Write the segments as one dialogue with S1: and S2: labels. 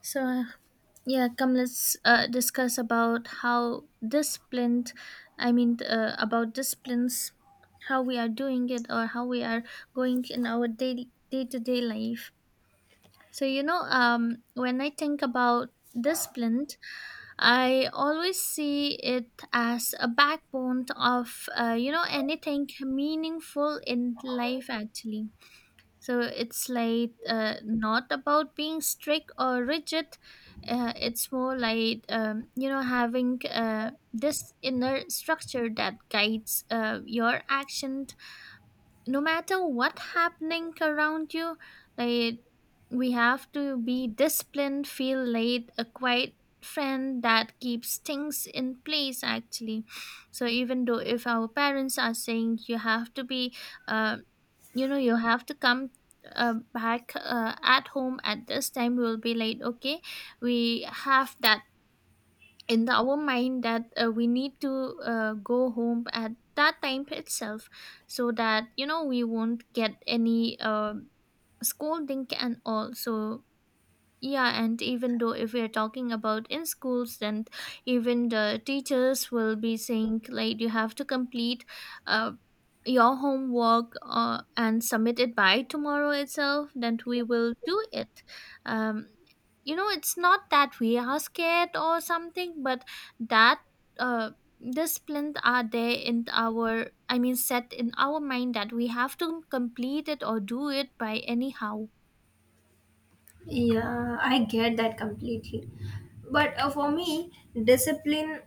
S1: So, yeah, come let's discuss about how disciplined, I mean, about disciplines, how we are doing it or how we are going in our daily day to day life. So, when I think about disciplined, I always see it as a backbone of anything meaningful in life actually, so it's like not about being strict or rigid. It's more like having this inner structure that guides your action, no matter what happening around you. Like we have to be disciplined, feel like a quiet friend that keeps things in place actually. So even though if our parents are saying you have to be uh, you have to come back at home at this time, we'll be late. Okay, we have that in our mind that we need to go home at that time itself, so that you know we won't get any scolding and all. So yeah, and even though if we are talking about in schools, then even the teachers will be saying like you have to complete uh, your homework and submit it by tomorrow itself. Then we will do it. Um, it's not that we are scared or something, but that uh, discipline are there in our, I mean, set in our mind that we have to complete it or do it by anyhow.
S2: Yeah, I get that completely. But for me, discipline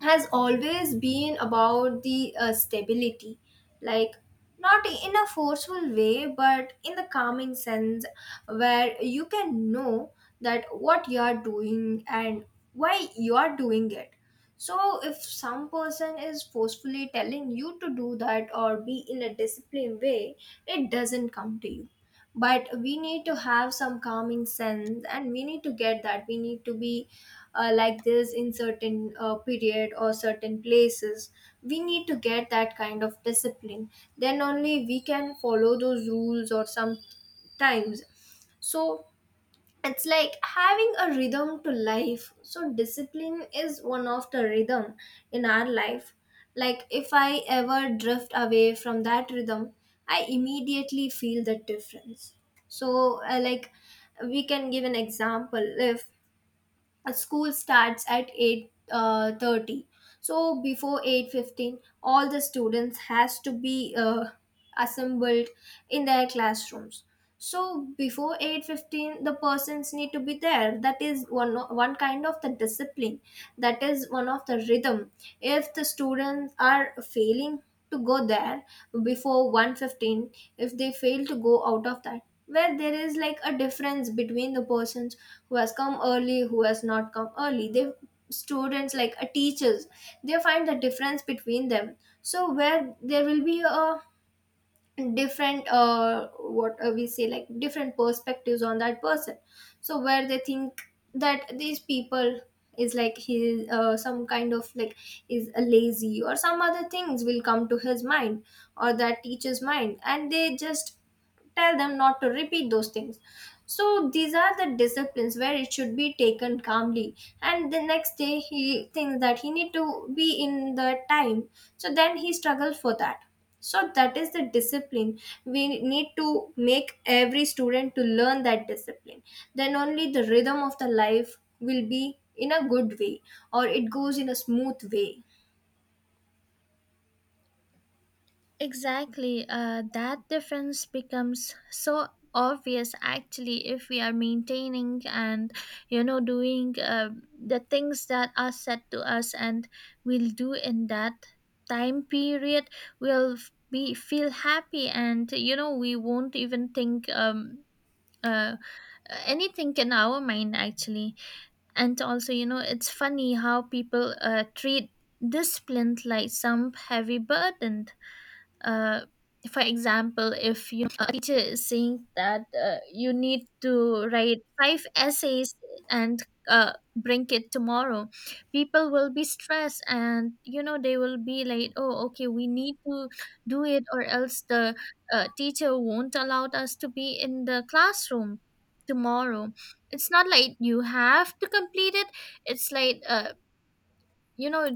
S2: has always been about the stability. Like, not in a forceful way, but in the calming sense where you can know that what you are doing and why you are doing it. So, if some person is forcefully telling you to do that or be in a disciplined way, it doesn't come to you but we need to have some calming sense and we need to get that we need to be like this in certain period or certain places, we need to get that kind of discipline. Then only we can follow those rules or some times. So it's like having a rhythm to life. So discipline is one of the rhythm in our life. Like if I ever drift away from that rhythm, I immediately feel the difference. So like, we can give an example. If school starts at 8 30, so before 8:15 all the students has to be assembled in their classrooms. So before 8:15 the persons need to be there. That is one kind of the discipline. That is one of the rhythm. If the students are failing to go there before 1:15, if they fail to go out of that, where there is like a difference between the persons who has come early, who has not come early, they students like teachers, they find the difference between them. So where there will be a different what we say like different perspectives on that person. So where they think that these people is like he some kind of like is a lazy or some other things will come to his mind or that teacher's mind, and they just tell them not to repeat those things. So these are the disciplines where it should be taken calmly. And the next day he thinks that he need to be in the time. So then he struggles for that. So that is the discipline. We need to make every student to learn that discipline. Then only the rhythm of the life will be in a good way or it goes in a smooth way.
S1: Exactly. That difference becomes so obvious actually, if we are maintaining and doing the things that are said to us, and we'll do in that time period, we'll be feel happy, and you know we won't even think uh, anything in our mind actually. And also, you know, it's funny how people treat discipline like some heavy burden. Uh, for example, if you a teacher is saying that you need to write five essays and bring it tomorrow, people will be stressed, and you know they will be like, oh okay we need to do it, or else the teacher won't allow us to be in the classroom tomorrow. It's not like you have to complete it. It's like you know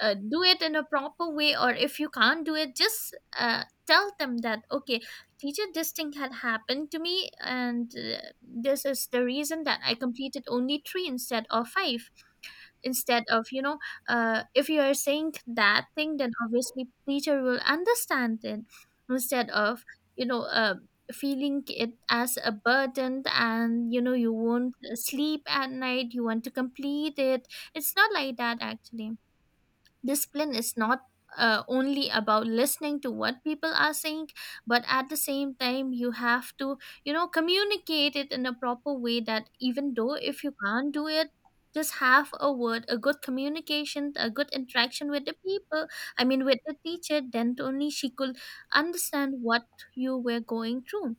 S1: do it in a proper way, or if you can't do it, just tell them that, okay teacher, this thing had happened to me, and this is the reason that I completed only three instead of five. Instead of, if you are saying that thing, then obviously teacher will understand it. Instead of, you know uh, feeling it as a burden, and you know you won't sleep at night, you want to complete it. It's not like that actually. Discipline is not only about listening to what people are saying, but at the same time you have to, you know, communicate it in a proper way, that even though if you can't do it, just have a word, a good communication, a good interaction with the people, I mean with the teacher, then only she could understand what you were going through.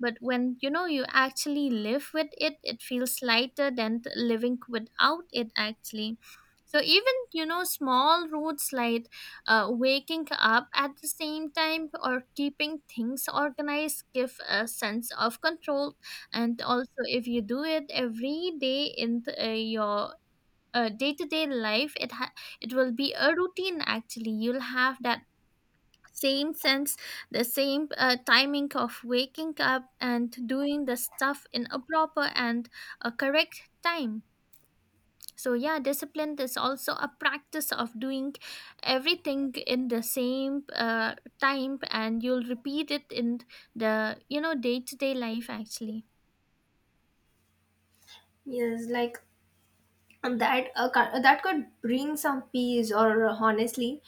S1: But when you know, you actually live with it, it feels lighter than living without it actually. So even, you know, small routes like waking up at the same time or keeping things organized give a sense of control. And also if you do it every day in your day-to-day life, it will be a routine actually. You'll have that same sense, the same timing of waking up and doing the stuff in a proper and a correct time. So, yeah, discipline is also a practice of doing everything in the same time, and you'll repeat it in the, you know, day to day life actually.
S2: Yes, like, and that that could bring some peace or honestly,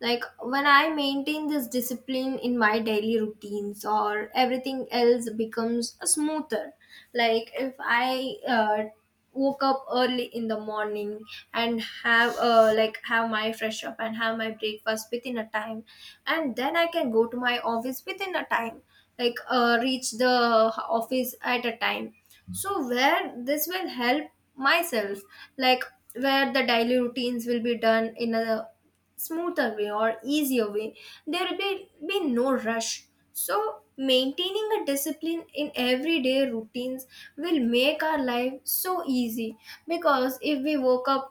S2: like when I maintain this discipline in my daily routines, or everything else becomes smoother. Like if I woke up early in the morning and have my fresh up and have my breakfast within a time, and then I can go to my office within a time, like reach the office at a time. So where this will help myself, like where the daily routines will be done in a smoother way or easier way, there will be no rush. So maintaining a discipline in everyday routines will make our life so easy. Because if we woke up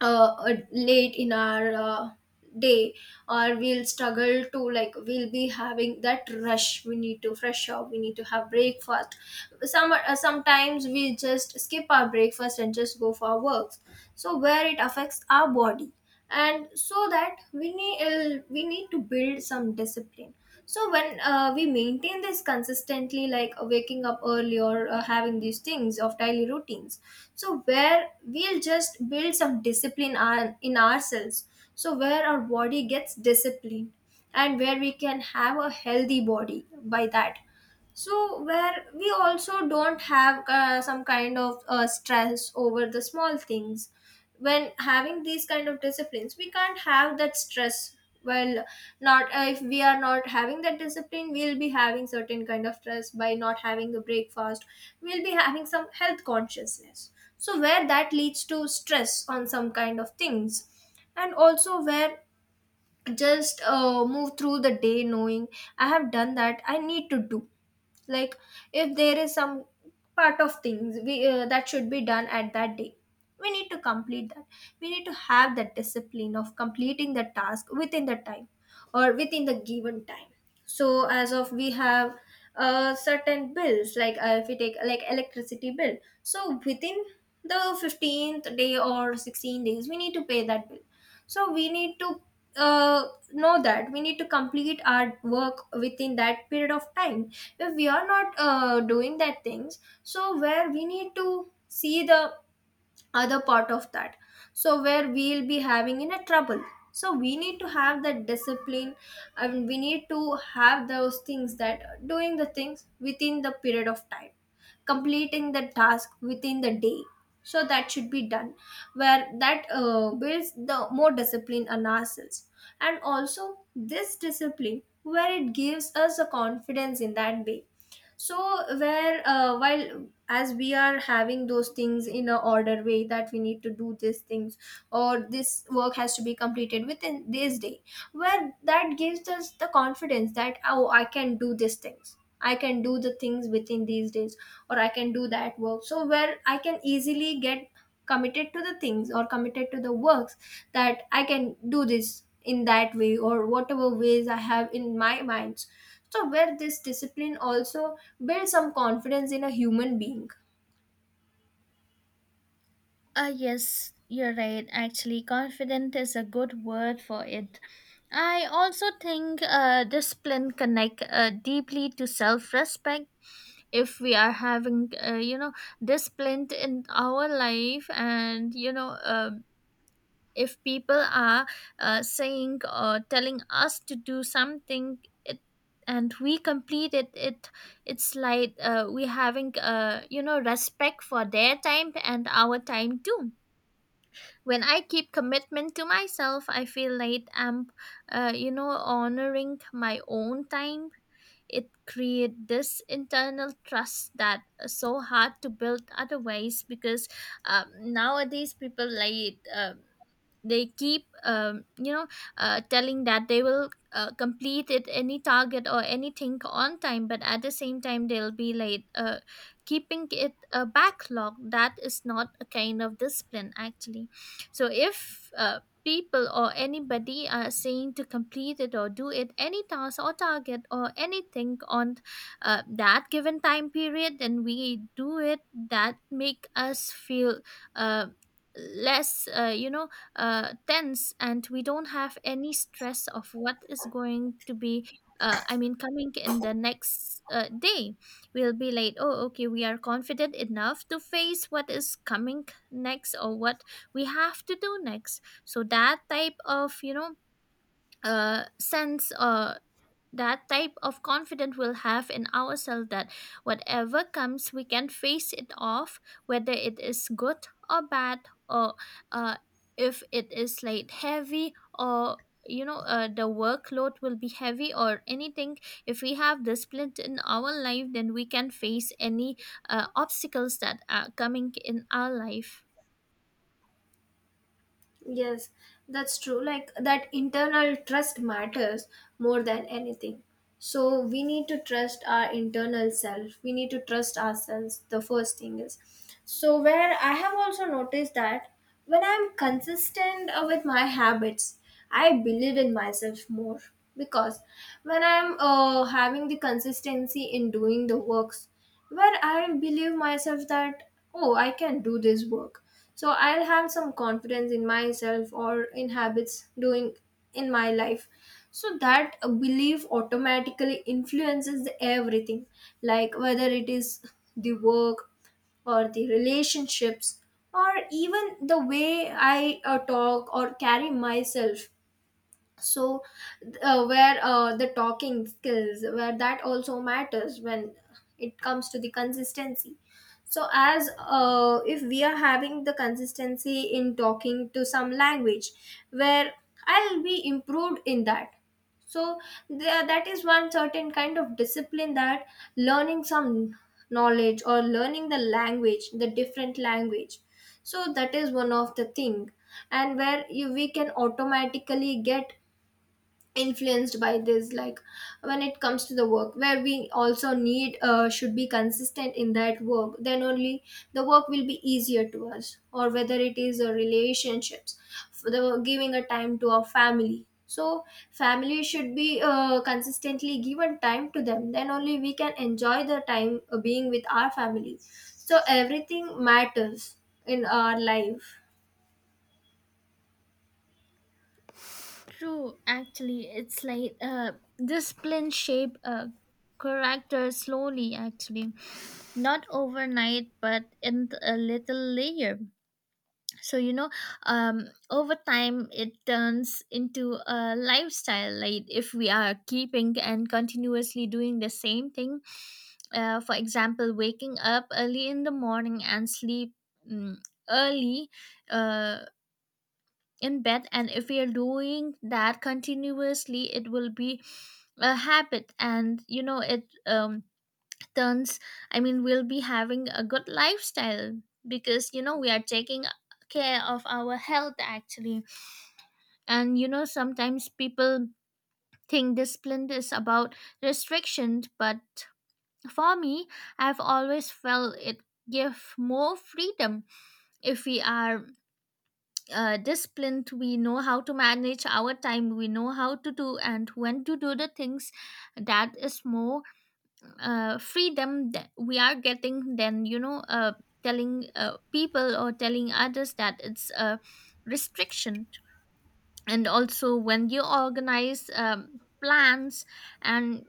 S2: late in our day, or we'll struggle to, like, we'll be having that rush, we need to fresh up, we need to have breakfast. Some sometimes we just skip our breakfast and just go for our works. So where it affects our body, and so that we need, we need to build some discipline. So when we maintain this consistently, like waking up early or having these things of daily routines, so where we'll just build some discipline in ourselves. So where our body gets disciplined and where we can have a healthy body by that. So where we also don't have some kind of stress over the small things. When having these kind of disciplines, we can't have that stress. Well, not if we are not having that discipline, we'll be having certain kind of stress by not having a breakfast. We'll be having some health consciousness. So where that leads to stress on some kind of things. And also where just move through the day knowing I have done that, I need to do. Like if there is some part of things we that should be done at that day, we need to complete that. We need to have that discipline of completing the task within the time or within the given time. So as of we have certain bills, like if we take like electricity bill, so within the 15th day or 16 days we need to pay that bill. So we need to know that we need to complete our work within that period of time. If we are not doing that things, so where we need to see the other part of that, so where we'll be having in a trouble. So we need to have that discipline, and we need to have those things that doing the things within the period of time, completing the task within the day, so that should be done, where that builds the more discipline on ourselves. And also this discipline, where it gives us a confidence in that way. So where while as we are having those things in a order way that we need to do these things or this work has to be completed within this day, where that gives us the confidence that, oh, I can do these things, I can do the things within these days, or I can do that work. So where I can easily get committed to the things or committed to the works, that I can do this in that way or whatever ways I have in my minds. So where this discipline also build some confidence in a human being.
S1: Yes, you're right. Actually, confident is a good word for it. I also think discipline connect deeply to self-respect. If we are having, discipline in our life, and you know, if people are saying or telling us to do something, it and we complete it, it's like we having, respect for their time and our time too. When I keep commitment to myself, I feel like I'm honoring my own time. It create this internal trust that is so hard to build otherwise, because nowadays people like, they keep, telling that they will complete it any target or anything on time, but at the same time they'll be like, keeping it a backlog. That is not a kind of discipline actually. So if people or anybody are saying to complete it or do it any task or target or anything on that given time period, then we do it, that make us feel uh, less tense, and we don't have any stress of what is going to be, I mean, coming in the next day. We'll be like, oh okay we are confident enough to face what is coming next, or what we have to do next. So that type of, you know, sense, that type of confidence we'll have in ourselves, that whatever comes we can face it off, whether it is good or bad, or uh, if it is like heavy, or, you know, the workload will be heavy or anything. If we have discipline in our life, then we can face any obstacles that are coming in our life.
S2: Yes, that's true. Like that internal trust matters more than anything. So we need to trust our internal self. We need to trust ourselves. The first thing is. So where I have also noticed that when I'm consistent with my habits, I believe in myself more, because when I'm having the consistency in doing the works, where I'll believe myself that, oh, I can do this work. So I'll have some confidence in myself or in habits doing in my life. So that belief automatically influences the everything, like whether it is the work or the relationships or even the way I talk or carry myself. So where the talking skills, where that also matters when it comes to the consistency. So as if we are having the consistency in talking to some language, where I'll be improved in that. So there, that is one certain kind of discipline, that learning some knowledge or learning the language, the different language. So that is one of the thing. And where you, we can automatically get influenced by this, like when it comes to the work, where we also need, should be consistent in that work, then only the work will be easier to us. Or whether it is a relationships, for the giving a time to our family. So family should be consistently given time to them, then only we can enjoy the time being with our family. So everything matters in our life.
S1: True, actually, it's like discipline shape a character slowly, actually, not overnight, but in a little layer. So, you know, over time, it turns into a lifestyle. Like if we are keeping and continuously doing the same thing, for example, waking up early in the morning and sleep mm early. Uh, in bed, and if you're doing that continuously, it will be a habit, and you know it turns, I mean we'll be having a good lifestyle, because you know we are taking care of our health actually. And you know sometimes people think discipline is about restrictions, but for me, I've always felt it give more freedom. If we are disciplined, we know how to manage our time, we know how to do and when to do the things. That is more freedom that we are getting, than, you know, telling people or telling others that it's a restriction. And also when you organize plans and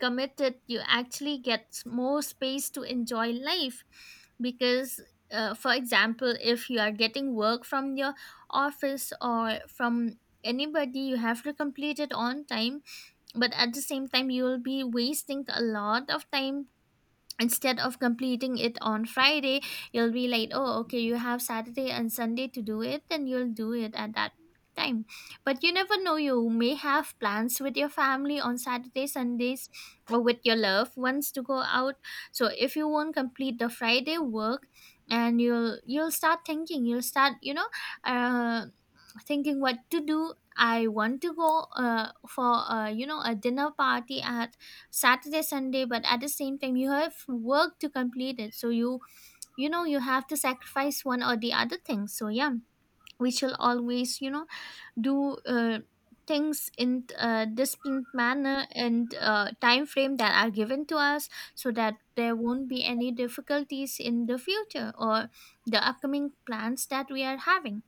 S1: commit it, you actually get more space to enjoy life, because for example, if you are getting work from your office or from anybody, you have to complete it on time. But at the same time, you will be wasting a lot of time. Instead of completing it on Friday, you'll be like, oh okay you have Saturday and Sunday to do it, then you'll do it at that time. But you never know, you may have plans with your family on Saturday, Sundays, or with your loved ones to go out. So if you won't complete the Friday work, and you'll start thinking, you'll start, you know, uh, thinking what to do, I want to go for, a dinner party at Saturday, Sunday, but at the same time you have work to complete it. So you know, you have to sacrifice one or the other thing. So yeah, we shall always, you know, do things in a disciplined manner and time frame that are given to us, so that there won't be any difficulties in the future or the upcoming plans that we are having.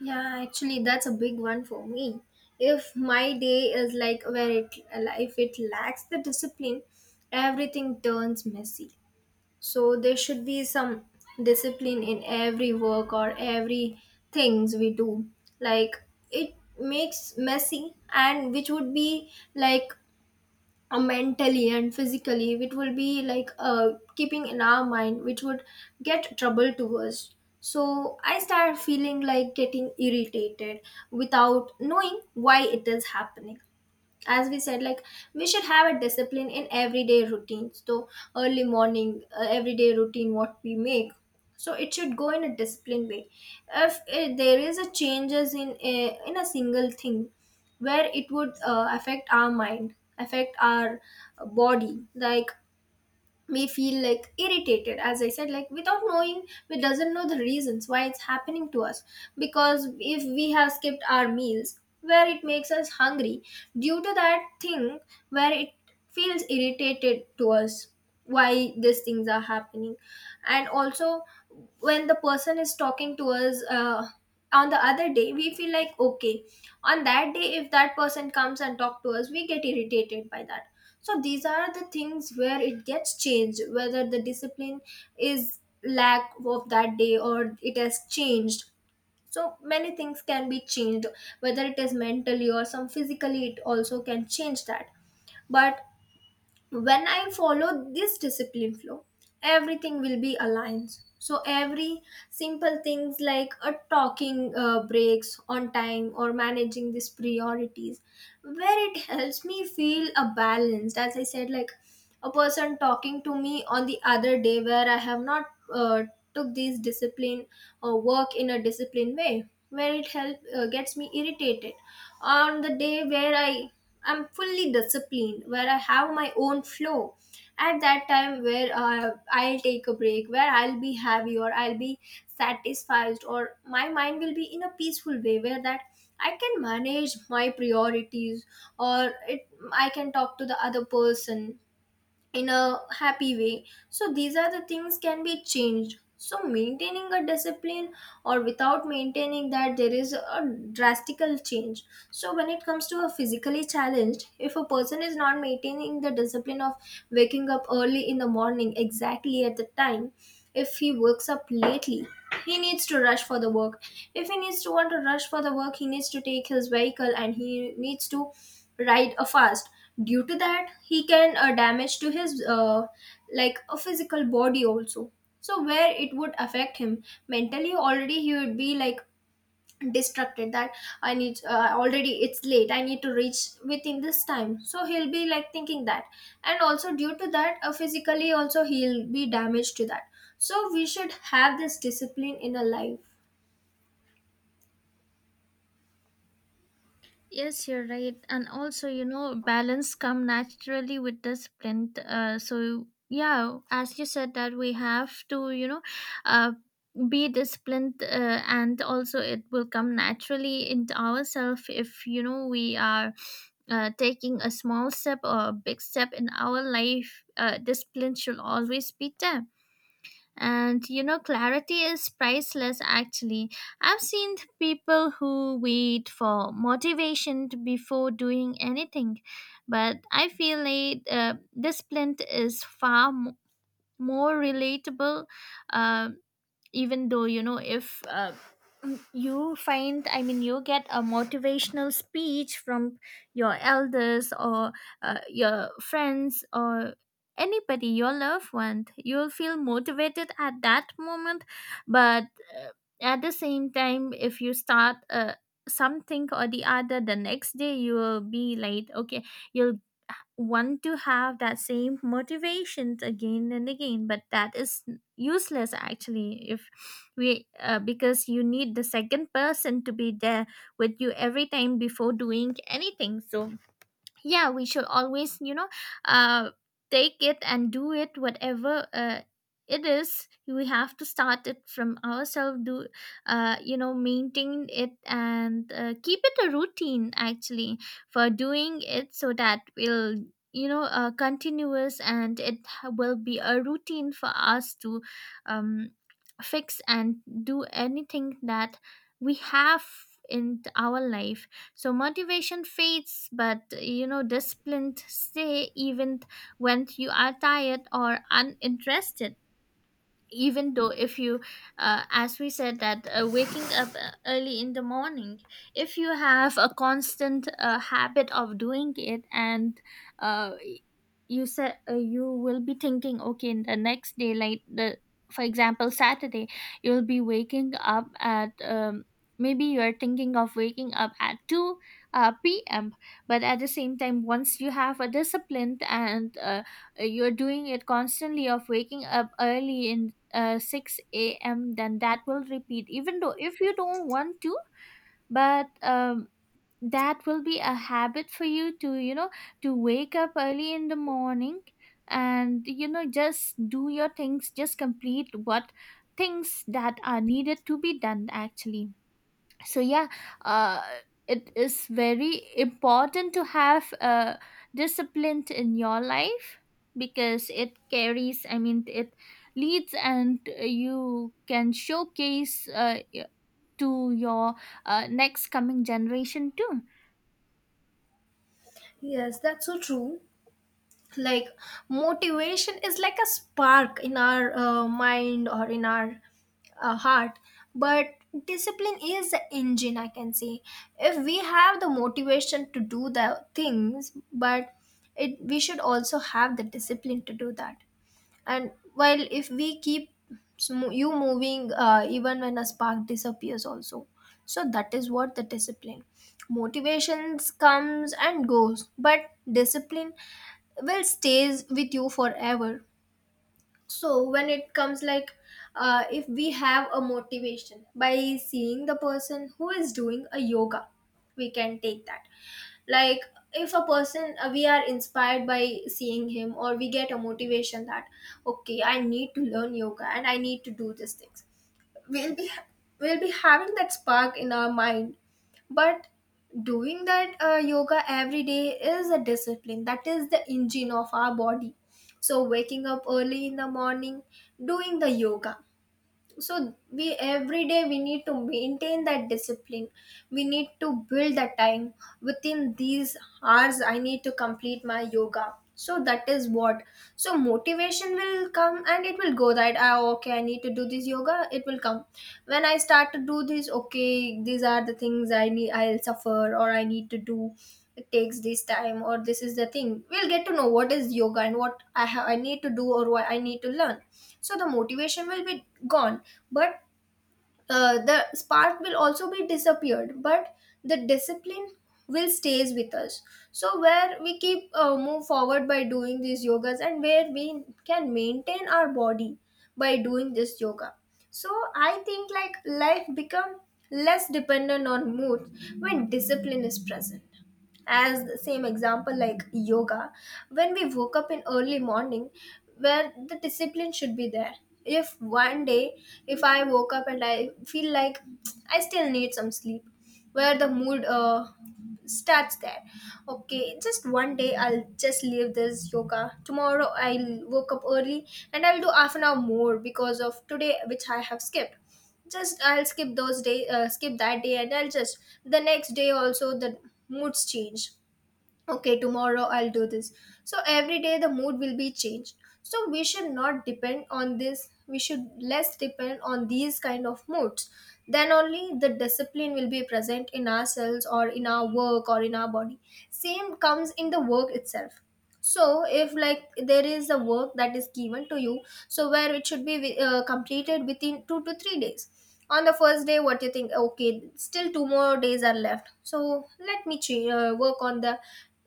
S2: Yeah, actually, that's a big one for me. If my day is like, where it, if it lacks the discipline, everything turns messy. So there should be some discipline in every work or every things we do. Like it makes messy, and which would be like mentally and physically, which will be like keeping in our mind, which would get trouble to us. So I start feeling like getting irritated without knowing why it is happening. As we said, like, we should have a discipline in everyday routines. So early morning everyday routine what we make, so it should go in a disciplined way. If there is a changes in a single thing, where it would affect our mind, affect our body, like may feel like irritated, as I said, like without knowing, we doesn't know the reasons why it's happening to us. Because if we have skipped our meals, where it makes us hungry, due to that thing, where it feels irritated to us, why these things are happening. And also when the person is talking to us on the other day, we feel like okay, on that day if that person comes and talk to us, we get irritated by that. So these are the things where it gets changed, whether the discipline is lack of that day or it has changed. So many things can be changed, whether it is mentally or some physically, it also can change that. But when I follow this discipline flow, everything will be aligned. So every simple things like a talking breaks on time or managing these priorities, where it helps me feel a balance. As I said, like a person talking to me on the other day, where I have not uh, took this discipline or work in a disciplined way, where it help gets me irritated. On the day where I am fully disciplined, where I have my own flow, at that time, where I'll take a break, where I'll be happy or I'll be satisfied, or my mind will be in a peaceful way, where that I can manage my priorities or it, I can talk to the other person in a happy way. So these are the things can be changed. So maintaining a discipline or without maintaining that, there is a drastical change. So when it comes to a physically challenged, if a person is not maintaining the discipline of waking up early in the morning exactly at the time, if he wakes up lately, he needs to rush for the work. If he needs to want to rush for the work, he needs to take his vehicle and he needs to ride a fast. Due to that, he can damage to his like a physical body also. So where it would affect him mentally, already he would be like distracted that I need already it's late, I need to reach within this time, so he'll be like thinking that. And also due to that, physically also he'll be damaged to that. So we should have this discipline in our life.
S1: Yes, you're right. And also, you know, balance come naturally with discipline. So yeah, as you said, that we have to, you know, uh, be disciplined, and also it will come naturally into ourselves, if you know we are taking a small step or a big step in our life. Discipline should always be there. And you know, clarity is priceless actually. I've seen people who wait for motivation before doing anything, but I feel like discipline is far more relatable. Um, even though you know if you find, I mean you get a motivational speech from your elders, or your friends, or anybody, your loved one, you'll feel motivated at that moment, but uh, at the same time, if you start something or the other the next day, you will be like, okay you'll want to have that same motivations again and again, but that is useless actually, if we because you need the second person to be there with you every time before doing anything. So yeah, we should always, you know, uh take it and do it, whatever it is, we have to start it from ourselves, do, maintain it, and keep it a routine actually for doing it, so that we'll, you know, continuous, and it will be a routine for us to um fix and do anything that we have in our life. So motivation fades, but you know, discipline stay even when you are tired or uninterested. Even though if you as we said that waking up early in the morning, if you have a constant habit of doing it, and uh, you said, you will be thinking, okay in the next day, like the, for example, Saturday, you'll be waking up at, maybe you're thinking of waking up at 2 p.m., but at the same time, once you have a disciplined, and you're doing it constantly of waking up early in 6 a.m., then that will repeat, even though if you don't want to, but that will be a habit for you to, you know, to wake up early in the morning, and, you know, just do your things, just complete what things that are needed to be done actually. So yeah, uh, it is very important to have discipline in your life, because it carries, I mean it leads, and you can showcase, to your next coming generation too.
S2: Yes, that's so true. Like, motivation is like a spark in our mind or in our heart, but discipline is the engine, I can say. If we have the motivation to do the things, but it, we should also have the discipline to do that. And while, if we keep you moving even when a spark disappears also. So that is what the discipline, motivations comes and goes, but discipline will stays with you forever. So when it comes, like, if we have a motivation by seeing the person who is doing a yoga, we can take that. Like, if a person we are inspired by seeing him, or we get a motivation that okay, I need to learn yoga and I need to do these things, we'll be we'll be having that spark in our mind. But doing that yoga every day is a discipline. That is the engine of our body. So waking up early in the morning, doing the yoga, so we, every day we need to maintain that discipline. We need to build that time within these hours. I need to complete my yoga. So that is what. So motivation will come and it will go, that, ah okay, I need to do this yoga, it will come. When I start to do this, okay, these are the things I need, I'll suffer or I need to do, it takes this time, or this is the thing, we'll get to know what is yoga and what I have, I need to do, or what I need to learn. So the motivation will be gone, but the spark will also be disappeared, but the discipline will stays with us. So where we keep move forward by doing these yogas, and where we can maintain our body by doing this yoga. So I think, like, life become less dependent on mood when discipline is present. As the same example, like yoga, when we woke up in early morning, where the discipline should be there. If one day, if I woke up and I feel like I still need some sleep, where the mood starts there. Okay, just one day I'll just leave this yoga, tomorrow I'll woke up early and I'll do half an hour more because of today which I have skipped. Just I'll skip those day skip that day, and I'll just, the next day also, the moods change. Okay, tomorrow I'll do this. So every day the mood will be changed. So we should not depend on this. We should less depend on these kind of moods, then only the discipline will be present in ourselves or in our work or in our body. Same comes in the work itself. So if, like, there is a work that is given to you, so where it should be completed within 2 to 3 days. On the first day, what you think, okay, still two more days are left, so let me work on the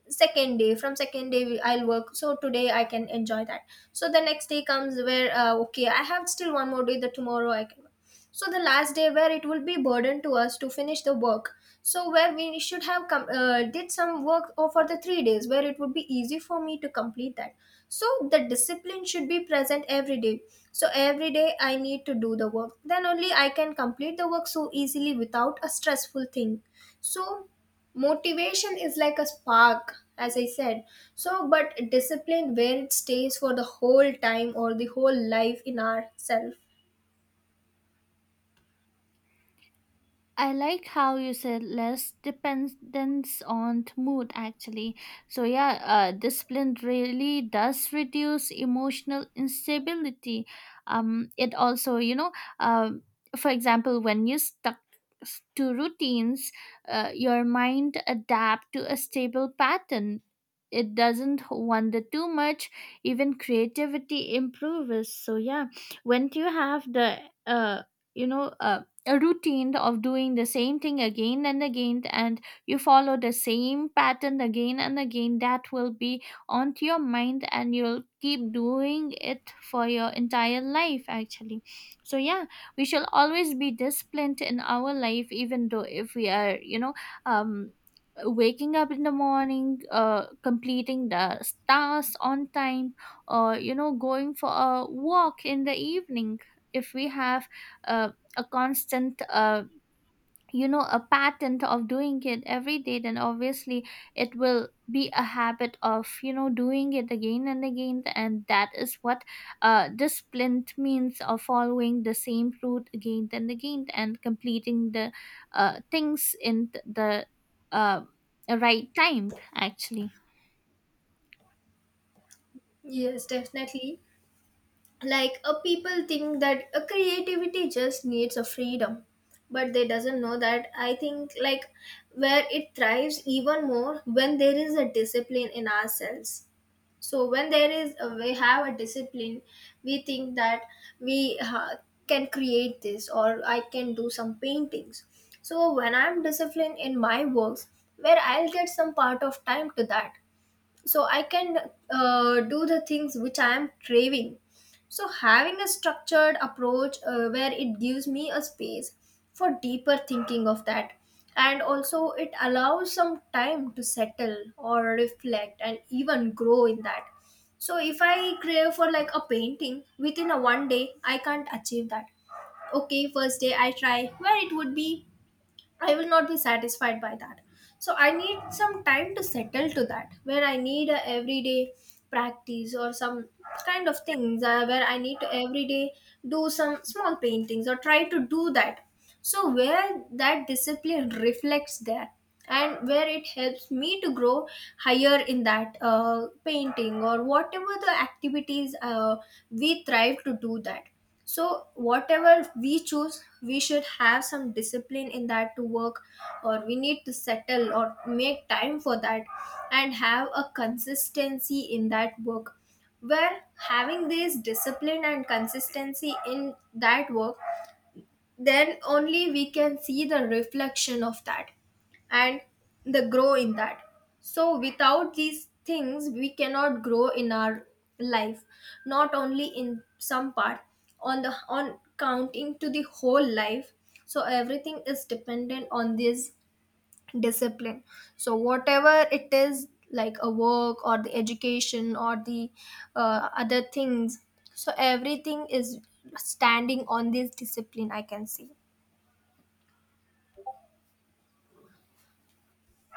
S2: second day, from second day I'll work, so today I can enjoy that. So the next day comes, where okay, I have still one more day, the tomorrow I can work. So the last day, where it will be burden to us to finish the work. So where we should have come did some work for the 3 days, where it would be easy for me to complete that. So the discipline should be present every day. So every day I need to do the work, then only I can complete the work so easily without a stressful thing. So motivation is like a spark, as I said. So but discipline, where it stays for the whole time or the whole life in ourself.
S1: I like how you said less dependence on mood actually. So yeah, discipline really does reduce emotional instability. It also, you know, um, for example, when you stuck to routines, your mind adapt to a stable pattern. It doesn't wander too much. Even creativity improves. So yeah, when you have the, uh, you know, uh a routine of doing the same thing again and again, and you follow the same pattern again and again, that will be onto your mind, and you'll keep doing it for your entire life actually. So yeah, we shall always be disciplined in our life, even though if we are, you know, um waking up in the morning, completing the tasks on time, or, you know, going for a walk in the evening, if we have uh, a constant, a pattern of doing it every day, then obviously it will be a habit of, you know, doing it again and again, and that is what discipline means of following the same route again and again and completing the things in the uh, right time actually.
S2: Yes, definitely. Like, a people think that a creativity just needs a freedom, but they doesn't know that, I think, like, where it thrives even more when there is a discipline in ourselves. So when there is a, we have a discipline, we think that we can create this, or I can do some paintings. So when I'm disciplined in my works, where I'll get some part of time to that, so I can do the things which I am craving. So having a structured approach, where it gives me a space for deeper thinking of that, and also it allows some time to settle or reflect and even grow in that. So if I crave for like a painting, within a one day I can't achieve that. Okay, first day I try where it would be, I will not be satisfied by that. So I need some time to settle to that, where I need a everyday practice or some kind of things, where I need to every day do some small paintings or try to do that. So where that discipline reflects there, and where it helps me to grow higher in that painting, or whatever the activities we thrive to do that. So whatever we choose, we should have some discipline in that to work, or we need to settle or make time for that, and have a consistency in that work. Where having this discipline and consistency in that work, then only we can see the reflection of that, and the grow in that. So without these things we cannot grow in our life, not only in some part, on the on counting to the whole life. So everything is dependent on this discipline. So whatever it is, like, a work or the education or the other things, so everything is standing on this discipline, I can see.